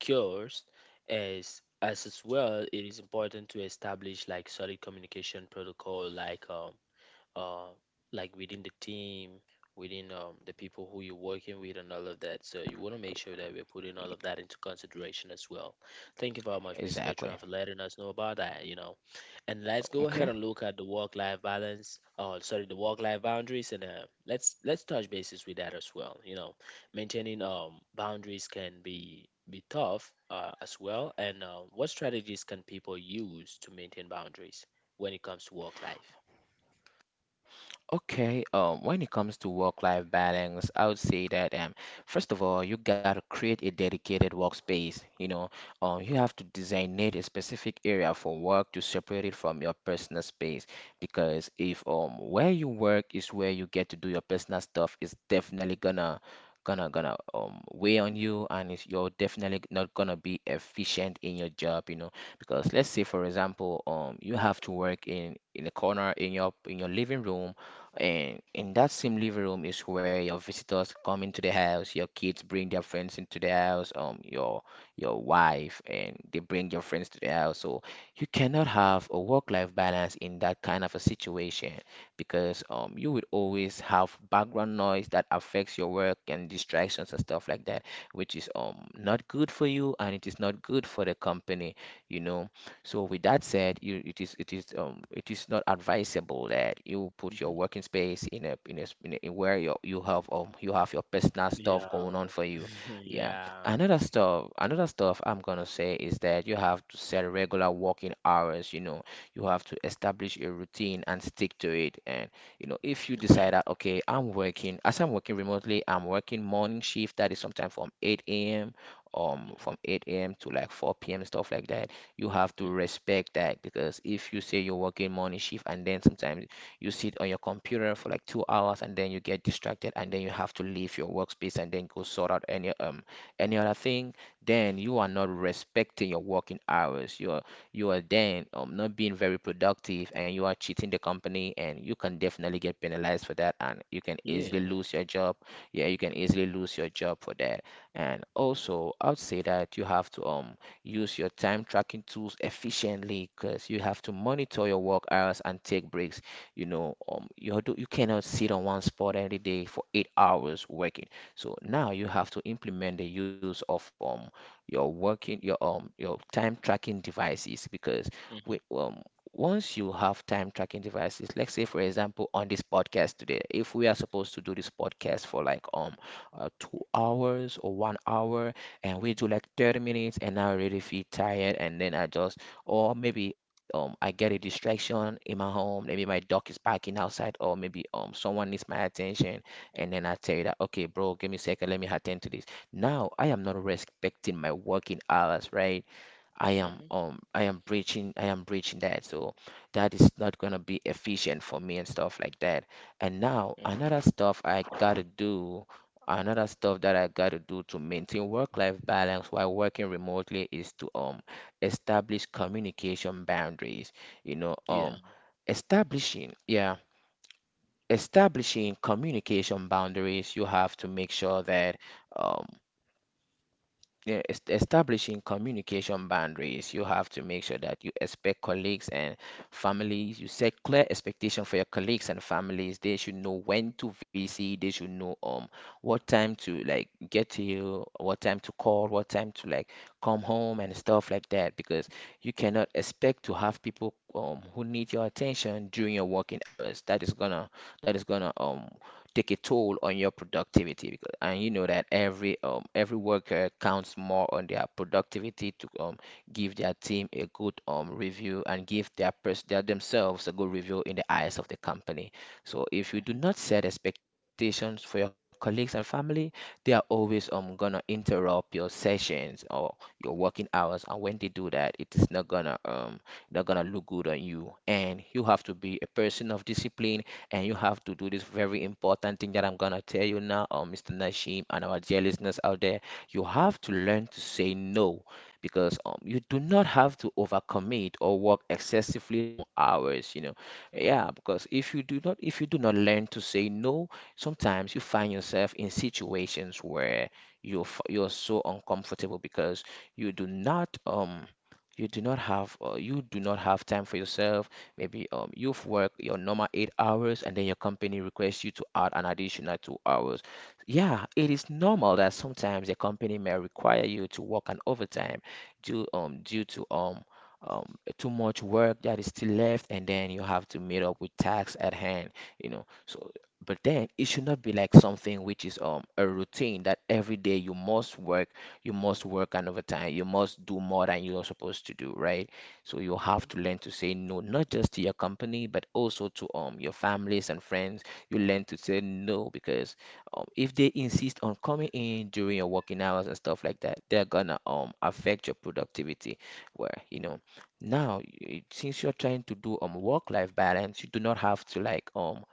A: cures, as well. It is important to establish like solid communication protocol, uh, like within the team, within the people who you're working with, and all of that. So you want to make sure that we're putting all of that into consideration as well. Thank you very much, Mr.
B: exactly.
A: Bertrand, for letting us know about that. And let's go
B: Okay.
A: ahead and look at the work-life balance. Oh, sorry, the work-life boundaries, and let's touch bases with that as well. Maintaining boundaries can be tough as well. And what strategies can people use to maintain boundaries when it comes to work life?
B: Okay, when it comes to work-life balance, I would say that first of all, you gotta create a dedicated workspace. You know, you have to designate a specific area for work to separate it from your personal space. Because if where you work is where you get to do your personal stuff, it's definitely gonna weigh on you, and it's, you're definitely not gonna be efficient in your job. You know, because let's say, for example, you have to work in a corner in your, in your living room, and in that same living room is where your visitors come into the house, your kids bring their friends into the house, your wife and they bring your friends to the house. So you cannot have a work-life balance in that kind of a situation, because you would always have background noise that affects your work and distractions and stuff like that, which is not good for you and it is not good for the company, you know. So with that said, it is not advisable that you put your working space in a, s- in a in where you have you have your personal stuff
A: Yeah.
B: going on for you.
A: [LAUGHS]
B: Yeah.
A: Yeah.
B: Another stuff I'm gonna say is that you have to set regular working hours. You have to establish a routine and stick to it. And if you
A: Okay.
B: decide that okay, I'm working remotely, I'm working morning shift, that is sometime from 8 a.m.
A: Mm-hmm.
B: From 8 a.m. to like 4 p.m. Stuff like that, you have to
A: Hmm.
B: respect that. Because if you say you're working morning shift and then sometimes you sit on your computer for like 2 hours and then you get distracted and then you have to leave your workspace and then go sort out any other thing, then you are not respecting your working hours. You are then not being very productive, and you are cheating the company, and you can definitely get penalized for that, and you can easily
A: Yeah.
B: lose your job. Yeah, you can easily lose your job for that. And also, I would say that you have to use your time tracking tools efficiently, because you have to monitor your work hours and take breaks. You cannot sit on one spot every day for 8 hours working. So now you have to implement the use of your working your time tracking devices. because we
A: Mm-hmm.
B: um once you have time tracking devices, let's say for example, on this podcast today, if we are supposed to do this podcast for like 2 hours or 1 hour, and we do like 30 minutes, and I already feel tired and then I just or maybe I get a distraction in my home. Maybe my dog is barking outside, or maybe someone needs my attention, and then I tell you that, okay, bro, give me a second, let me attend to this. Now I am not respecting my working hours, right? I am
A: Hmm. Hmm.
B: um I am breaching I am breaching that. So that is not gonna be efficient for me and stuff like that. And now another stuff that I gotta do to maintain work life balance while working remotely is to establish communication boundaries. You know,
A: Yeah.
B: establishing, yeah, establishing communication boundaries, you have to make sure that um yeah, establishing communication boundaries, you have to make sure that you expect colleagues and families, you set clear expectation for your colleagues and families. They should know when to visit, they should know what time to like get to you, what time to call, what time to like come home, and stuff like that. Because you cannot expect to have people who need your attention during your working hours. That is gonna, that is gonna um take a toll on your productivity. And you know that every every worker counts more on their productivity to give their team a good review, and give their their themselves a good review in the eyes of the company. So if you do
A: Hmm.
B: not set expectations for your colleagues and family, they are always gonna interrupt your sessions or your working hours, and when they do that, it is not gonna, look good on you. And you have to be a person of discipline, and you have to do this very important thing that I'm gonna tell you now, Mr. Nashim, and our dear listeners out there. You have to learn to say no, because you do not have to overcommit or work excessively long hours. Yeah,
A: Hmm.
B: because if you do not learn to say no, sometimes you find yourself in situations where you're so uncomfortable, because you do not, you do not have, you do not have time for yourself. Maybe you've worked your normal 8 hours and then your company requests you to add an additional 2 hours. Yeah, it is normal that sometimes a company may require you to work an overtime due, due to too much work that is still left, and then you have to meet up with tasks at hand. So but then it should not be like something which is a routine, that every day you must work an overtime, you must do more than you are supposed to do, right? So you have to learn to say no, not just to your company, but also to your families and friends. You learn to say no, because if they insist on coming in during your working hours and stuff like that, they're gonna affect your productivity. Where you know. Now, since you're trying to do work-life balance, you do not have to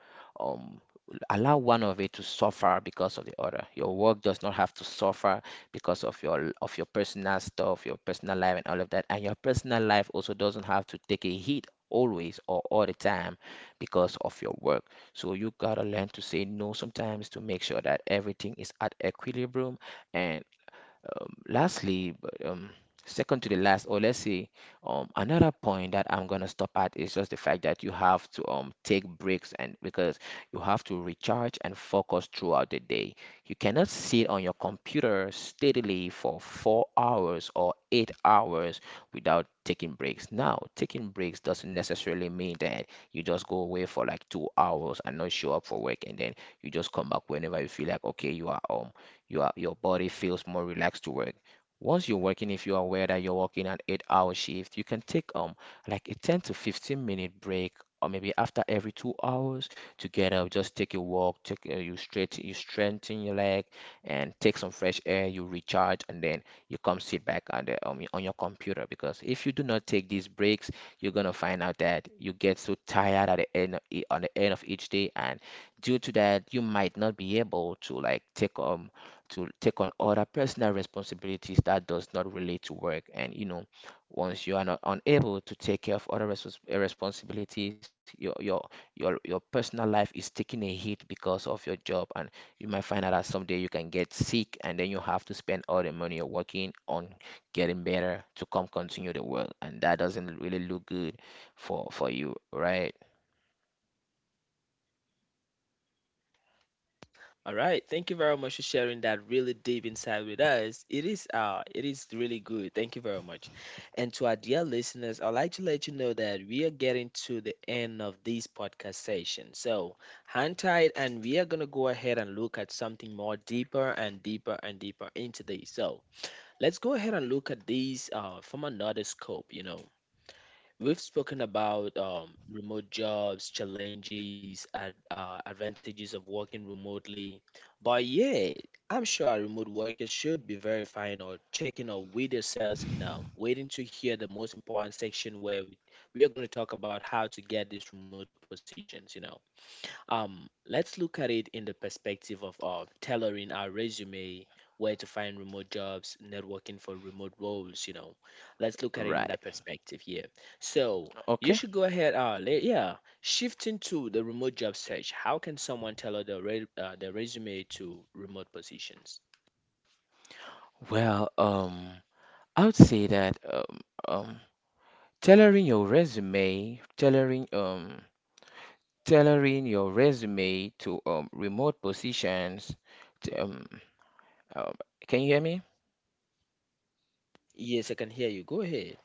B: um allow one of it to suffer because of the other. Your work does not have to suffer because of your personal stuff, your personal life and all of that. And your personal life also doesn't have to take a hit always or all the time because of your work. So you gotta learn to say no sometimes to make sure that everything is at equilibrium. And lastly, but, second to the last, or let's say, another point that I'm gonna stop at is just the fact that you have to, take breaks, and because you have to recharge and focus throughout the day. You cannot sit on your computer steadily for 4 hours or 8 hours without taking breaks. Now, taking breaks doesn't necessarily mean that you just go away for like 2 hours and not show up for work, and then you just come back whenever you feel like okay, you are, your body feels more relaxed to work. Once you're working, if you're aware that you're working an 8 hour shift, you can take like a 10 to 15 minute break, or maybe after every 2 hours, to get up, just take a walk, take you strengthen your leg and take some fresh air, you recharge, and then you come sit back on the on your computer. Because if you do not take these breaks, you're gonna find out that you get so tired at the end of, e- on the end of each day. And due to that, you might not be able to, like, take to take on other personal responsibilities that does not relate to work. And you know, once you are not unable to take care of other responsibilities, your personal life is taking a hit because of your job. And you might find out that someday you can get sick and then you have to spend all the money you're working on getting better to come continue the work, and that doesn't really look good for you, right?
A: All right. Thank you very much for sharing that really deep insight with us. It is it is really good. Thank you very much. And to our dear listeners, I'd like to let you know that we are getting to the end of this podcast session. So hang tight and we are gonna go ahead and look at something more deeper and deeper and deeper into this. So let's go ahead and look at these from another scope. You know, we've spoken about remote jobs, challenges, and advantages of working remotely. But yeah, I'm sure our remote workers should be verifying or checking up with themselves and waiting to hear the most important section where we are going to talk about how to get these remote positions, you know. Let's look at it in the perspective of tailoring our resume, where to find remote jobs, networking for remote roles. You know, let's look at it in
B: right
A: that perspective. Here. So you
B: okay.
A: should go ahead. Yeah. Shifting to the remote job search, how can someone tailor their their resume to remote positions?
B: Well, I would say that, um tailoring, tailoring your resume to remote positions, t- um uh, can you hear me?
A: Yes, I can hear you. Go ahead.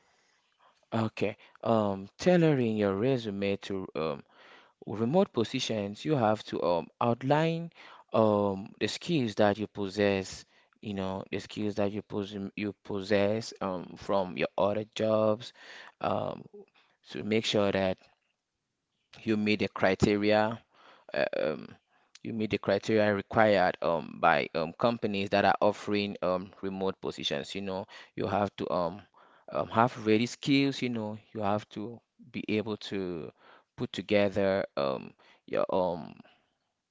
B: Okay. Tailoring your resume to remote positions, you have to outline the skills that you possess. You know, the skills that you you possess from your other jobs, um to make sure that you meet the criteria, uh, um, required by companies that are offering remote positions. You know, you have to, have ready skills. You know, you have to be able to put together your,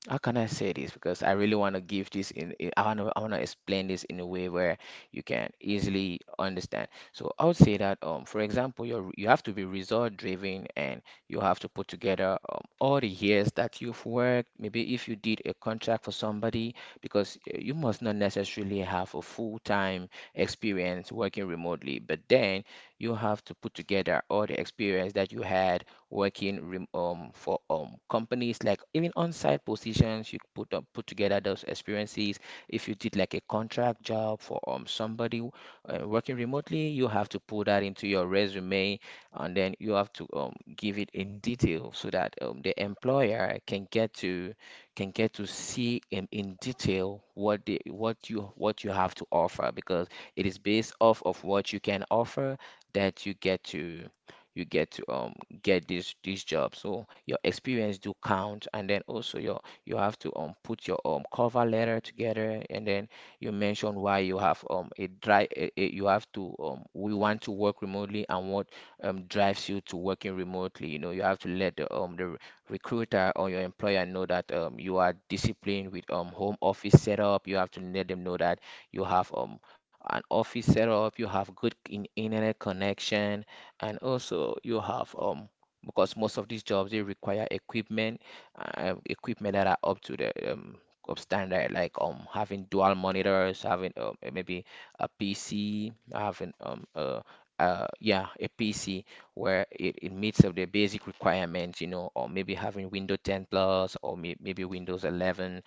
B: how can I say this? Because I really want to give this in. I want to explain this in a way where you can easily understand. So I would say that, for example, you have to be result driven, and you have to put together all the years that you've worked. Maybe if you did a contract for somebody, because you must not necessarily have a full time experience working remotely, but then you have to put together all the experience that you had working for companies, like even on-site positions. You put together those experiences if you did like a contract job for somebody, working remotely. You have to put that into your resume, and then you have to give it in detail so that the employer can get to see in, detail what you have to offer, because it is based off of what you can offer that you get to get this job. So your experience do count. And then also, you have to put your cover letter together, and then you mention why you have a drive. You have to um we want to work remotely, and what drives you to working remotely. You have to let the recruiter or your employer know that you are disciplined with home office setup. You have to let them know that you have an office setup, you have good internet connection, and also you have because most of these jobs they require equipment, equipment that are up to the up standard, like having dual monitors, having maybe a pc, having yeah a pc where it meets of the basic requirements, or maybe having windows 10 plus, or maybe windows 11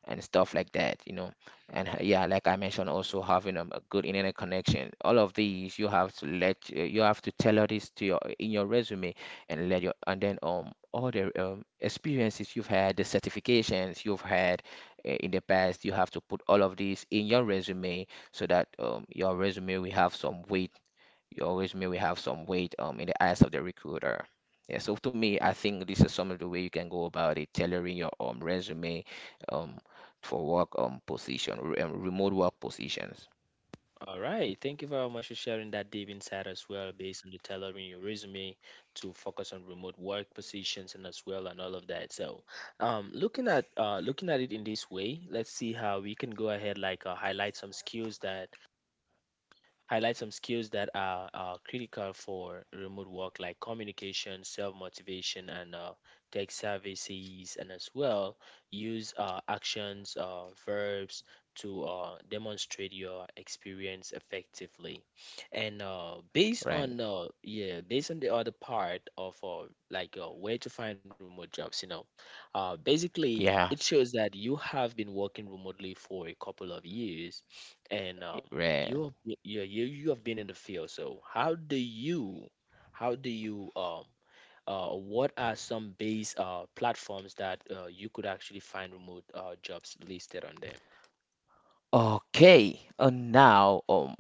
B: and stuff like that. And yeah, like I mentioned, also having a good internet connection. All of these you have to let you have to tailor this to your in your resume. And let your and then all the experiences you've had, the certifications you've had in the past, you have to put all of these in your resume so that your resume will have some weight. You always may we have some weight in the eyes of the recruiter. Yeah, so to me, I think this is some of the way you can go about it, tailoring your resume um, for work position, remote work positions,
A: All right. Thank you very much for sharing that deep insight as well, based on the tailoring your resume to focus on remote work positions and as well and all of that. So, looking at it in this way, let's see how we can go ahead like highlight some skills that are critical for remote work like communication, self-motivation and tech services, and as well use actions verbs to demonstrate your experience effectively and based
B: right?
A: on yeah, based on the other part of like where to find remote jobs. You know, basically it
B: Yeah,
A: shows that you have been working remotely for a couple of years and
B: right.
A: you yeah, you have been in the field. So how do you what are some base platforms that you could actually find remote jobs listed on them?
B: Okay, and now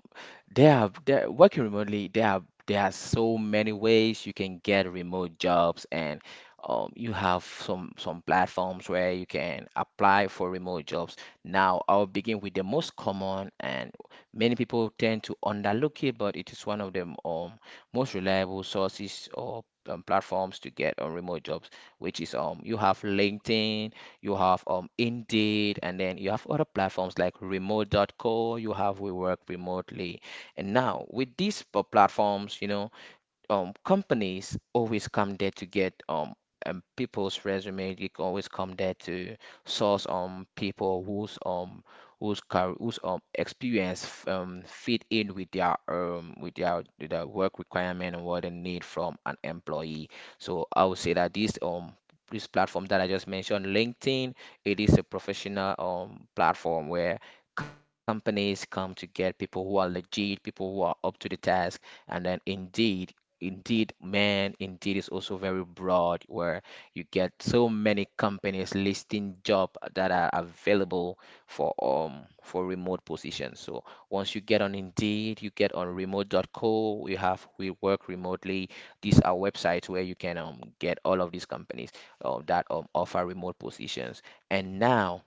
B: Working remotely. There are so many ways you can get remote jobs, and you have some platforms where you can apply for remote jobs. Now, I'll begin with the most common, and many people tend to underlook it, but it is one of the most reliable sources or platforms to get on remote jobs, which is you have LinkedIn, you have Indeed, and then you have other platforms like Remote. Dot Co. You have We Work Remotely. And now, with these platforms, companies always come there to get people's resume. They can always come there to source people whose experience fit in with their with their with their work requirement and what they need from an employee. So I would say that this platform that I just mentioned, LinkedIn, it is a professional platform where companies come to get people who are legit, people who are up to the task. And then indeed Indeed, man, Indeed is also very broad, where you get so many companies listing job that are available for remote positions. So once you get on Indeed, you get on Remote. Dot Co, we Work Remotely. These are websites where you can get all of these companies that offer remote positions. And now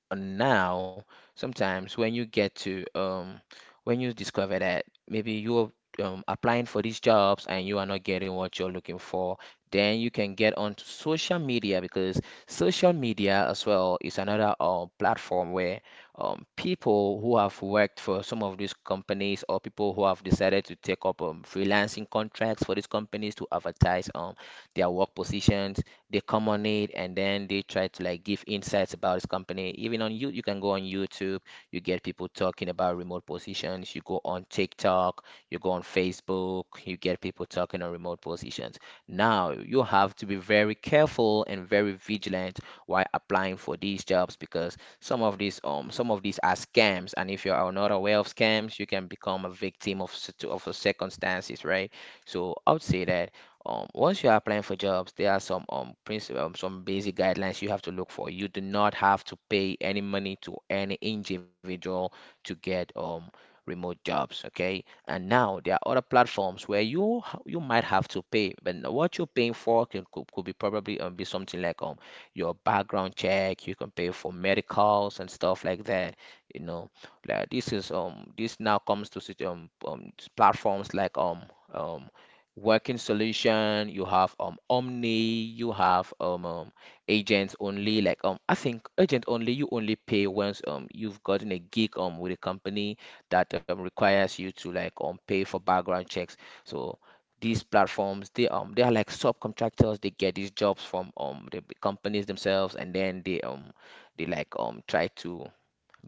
B: now sometimes when you get to when you discover that maybe you're applying for these jobs and you are not getting what you're looking for, then you can get onto social media, because social media as well is another platform where people who have worked for some of these companies, or people who have decided to take up freelancing contracts for these companies to advertise their work positions, they come on it and then they try to like give insights about this company. Even on you can go on YouTube, you get people talking about remote positions. You go on TikTok, you go on Facebook, you get people talking on remote positions. Now you have to be very careful and very vigilant while applying for these jobs, because some of these are scams. And if you are not aware of scams, you can become a victim of a circumstances, right? So I would say that once you are applying for jobs, there are some basic guidelines you have to look for. You do not have to pay any money to any individual to get remote jobs. Okay, and now there are other platforms where you might have to pay, but what you're paying for could be probably be something like your background check. You can pay for medicals and stuff like that, you know like. This now comes to platforms like um working solution. You have Omni, you have Agents Only. Like, I think Agent Only, you only pay once you've gotten a gig with a company that requires you to like pay for background checks. So these platforms, they are like subcontractors. They get these jobs from the companies themselves, and then they like try to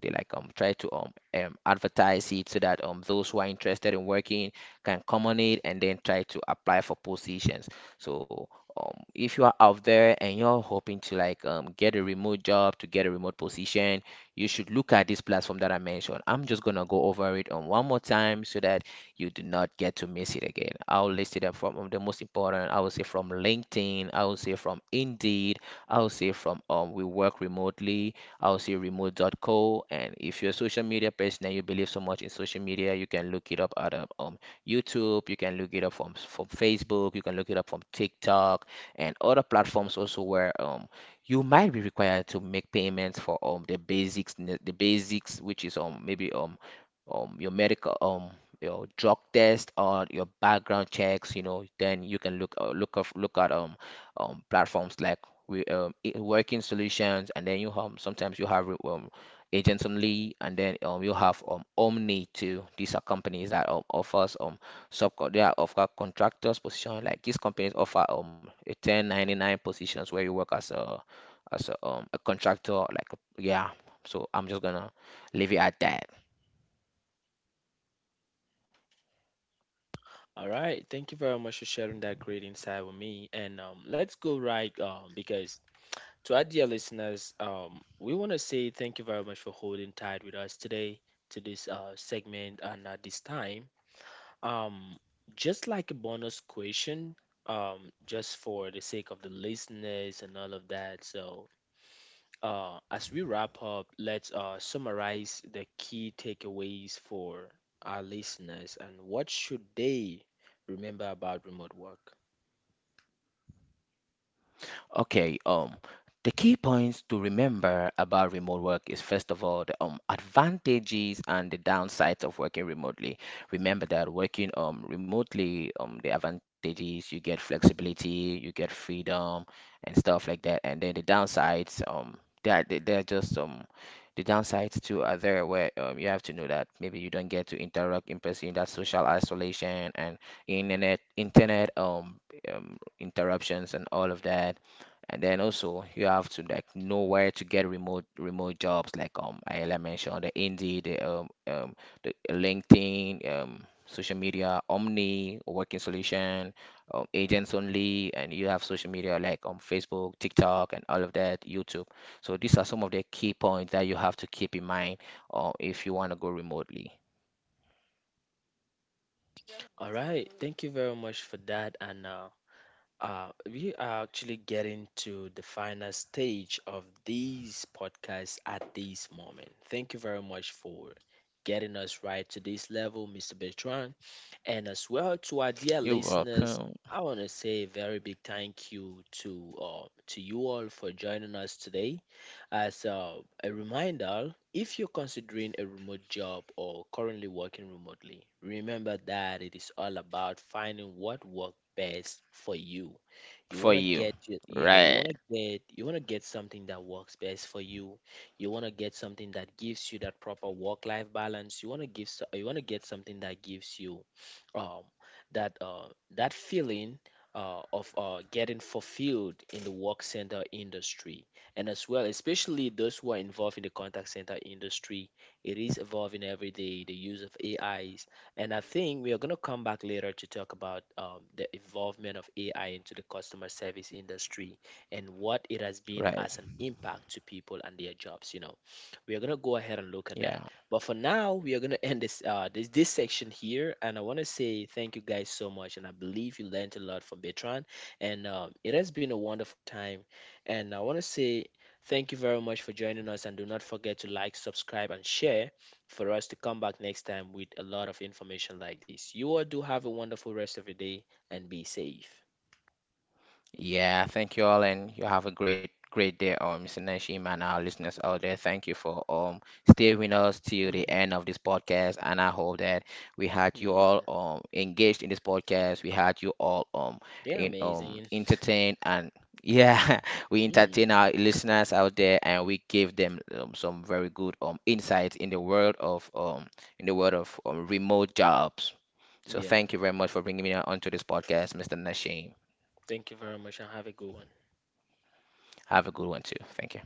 B: they like try to advertise it, so that those who are interested in working can come on it and then try to apply for positions. So, if you are out there and you're hoping to like get a remote job to get a remote position, you should look at this platform that I mentioned. I'm just gonna go over it on one more time so that you do not get to miss it again. I'll list it up from the most important. I will say from LinkedIn, I will say from Indeed, I will say from We Work Remotely, also Remote.co And if you're a social media person and you believe so much in social media, you can look it up at YouTube, you can look it up from Facebook, you can look it up from TikTok, and other platforms also, where you might be required to make payments for the basics, the basics, which is maybe your medical, your drug test or your background checks. Then you can look look of look at platforms like working solutions, and then you sometimes you have Agents Only, and then you have Omni too. These are companies that offers sub they are offer contractors position. Like, these companies offer a 1099 positions where you work as a contractor, yeah. So I'm just gonna leave it at that.
A: All right, thank you very much for sharing that great insight with me. And let's go right because to our dear listeners, we want to say thank you very much for holding tight with us today to this segment and at this time. Um, just like a bonus question, just for the sake of the listeners and all of that. So, as we wrap up, let's summarize the key takeaways for our listeners and what should they remember about remote work.
B: Okay, the key points to remember about remote work is first of all the advantages and the downsides of working remotely. Remember that working remotely, the advantages, you get flexibility, you get freedom and stuff like that. And then the downsides, that they're just the downsides too are there, where you have to know that maybe you don't get to interact in person, that social isolation and internet internet interruptions and all of that. And then also you have to like know where to get remote jobs, like I like mentioned the Indeed, the LinkedIn, social media, Omni, Working Solution, Agents Only, and you have social media like on Facebook, TikTok, and all of that, YouTube. So these are some of the key points that you have to keep in mind, if you want to go remotely.
A: All right, thank you very much for that, and we are actually getting to the final stage of these podcasts at this moment. Thank you very much for getting us right to this level, Mr. Bertrand. And as well to our dear
B: You're
A: listeners,
B: welcome.
A: I want to say a very big thank you to you all for joining us today. As so, a reminder, if you're considering a remote job or currently working remotely, remember that it is all about finding what works best for you. You
B: For
A: want to
B: you,
A: get yeah, you
B: right.
A: want to get something that works best for you. You want to get something that gives you that proper work-life balance. You want to you want to get something that gives you um that uh that feeling of getting fulfilled in the work center industry, and as well especially those who are involved in the contact center industry. It is evolving every day, the use of AIs. And I think we are going to come back later to talk about the involvement of AI into the customer service industry and what it has been
B: Right?
A: as an impact to people and their jobs, you know. We are going to go ahead and look at
B: Yeah.
A: that, but for now we are going to [LAUGHS] end this this section here. And I want to say thank you guys so much, and I believe you learned a lot from Bertrand. And it has been a wonderful time, and I want to say thank you very much for joining us, and do not forget to like, subscribe, and share for us to come back next time with a lot of information like this. You all do have a wonderful rest of your day and be safe.
B: Yeah, thank you all, and you have a great, great day, Mr. Nashim, and our listeners out there. Thank you for staying with us till the
A: Hmm.
B: end of this podcast, and I hope that we had you all
A: Yeah,
B: engaged in this podcast. We had you all
A: they're
B: in
A: amazing.
B: entertained, and yeah, [LAUGHS] we
A: Mm.
B: entertain our listeners out there, and we give them some very good insights in the world of remote jobs. So
A: Yeah,
B: thank you very much for bringing me onto this podcast, Mr. Nashim.
A: thank you very much and have a good one.
B: Have a good one too. Thank you.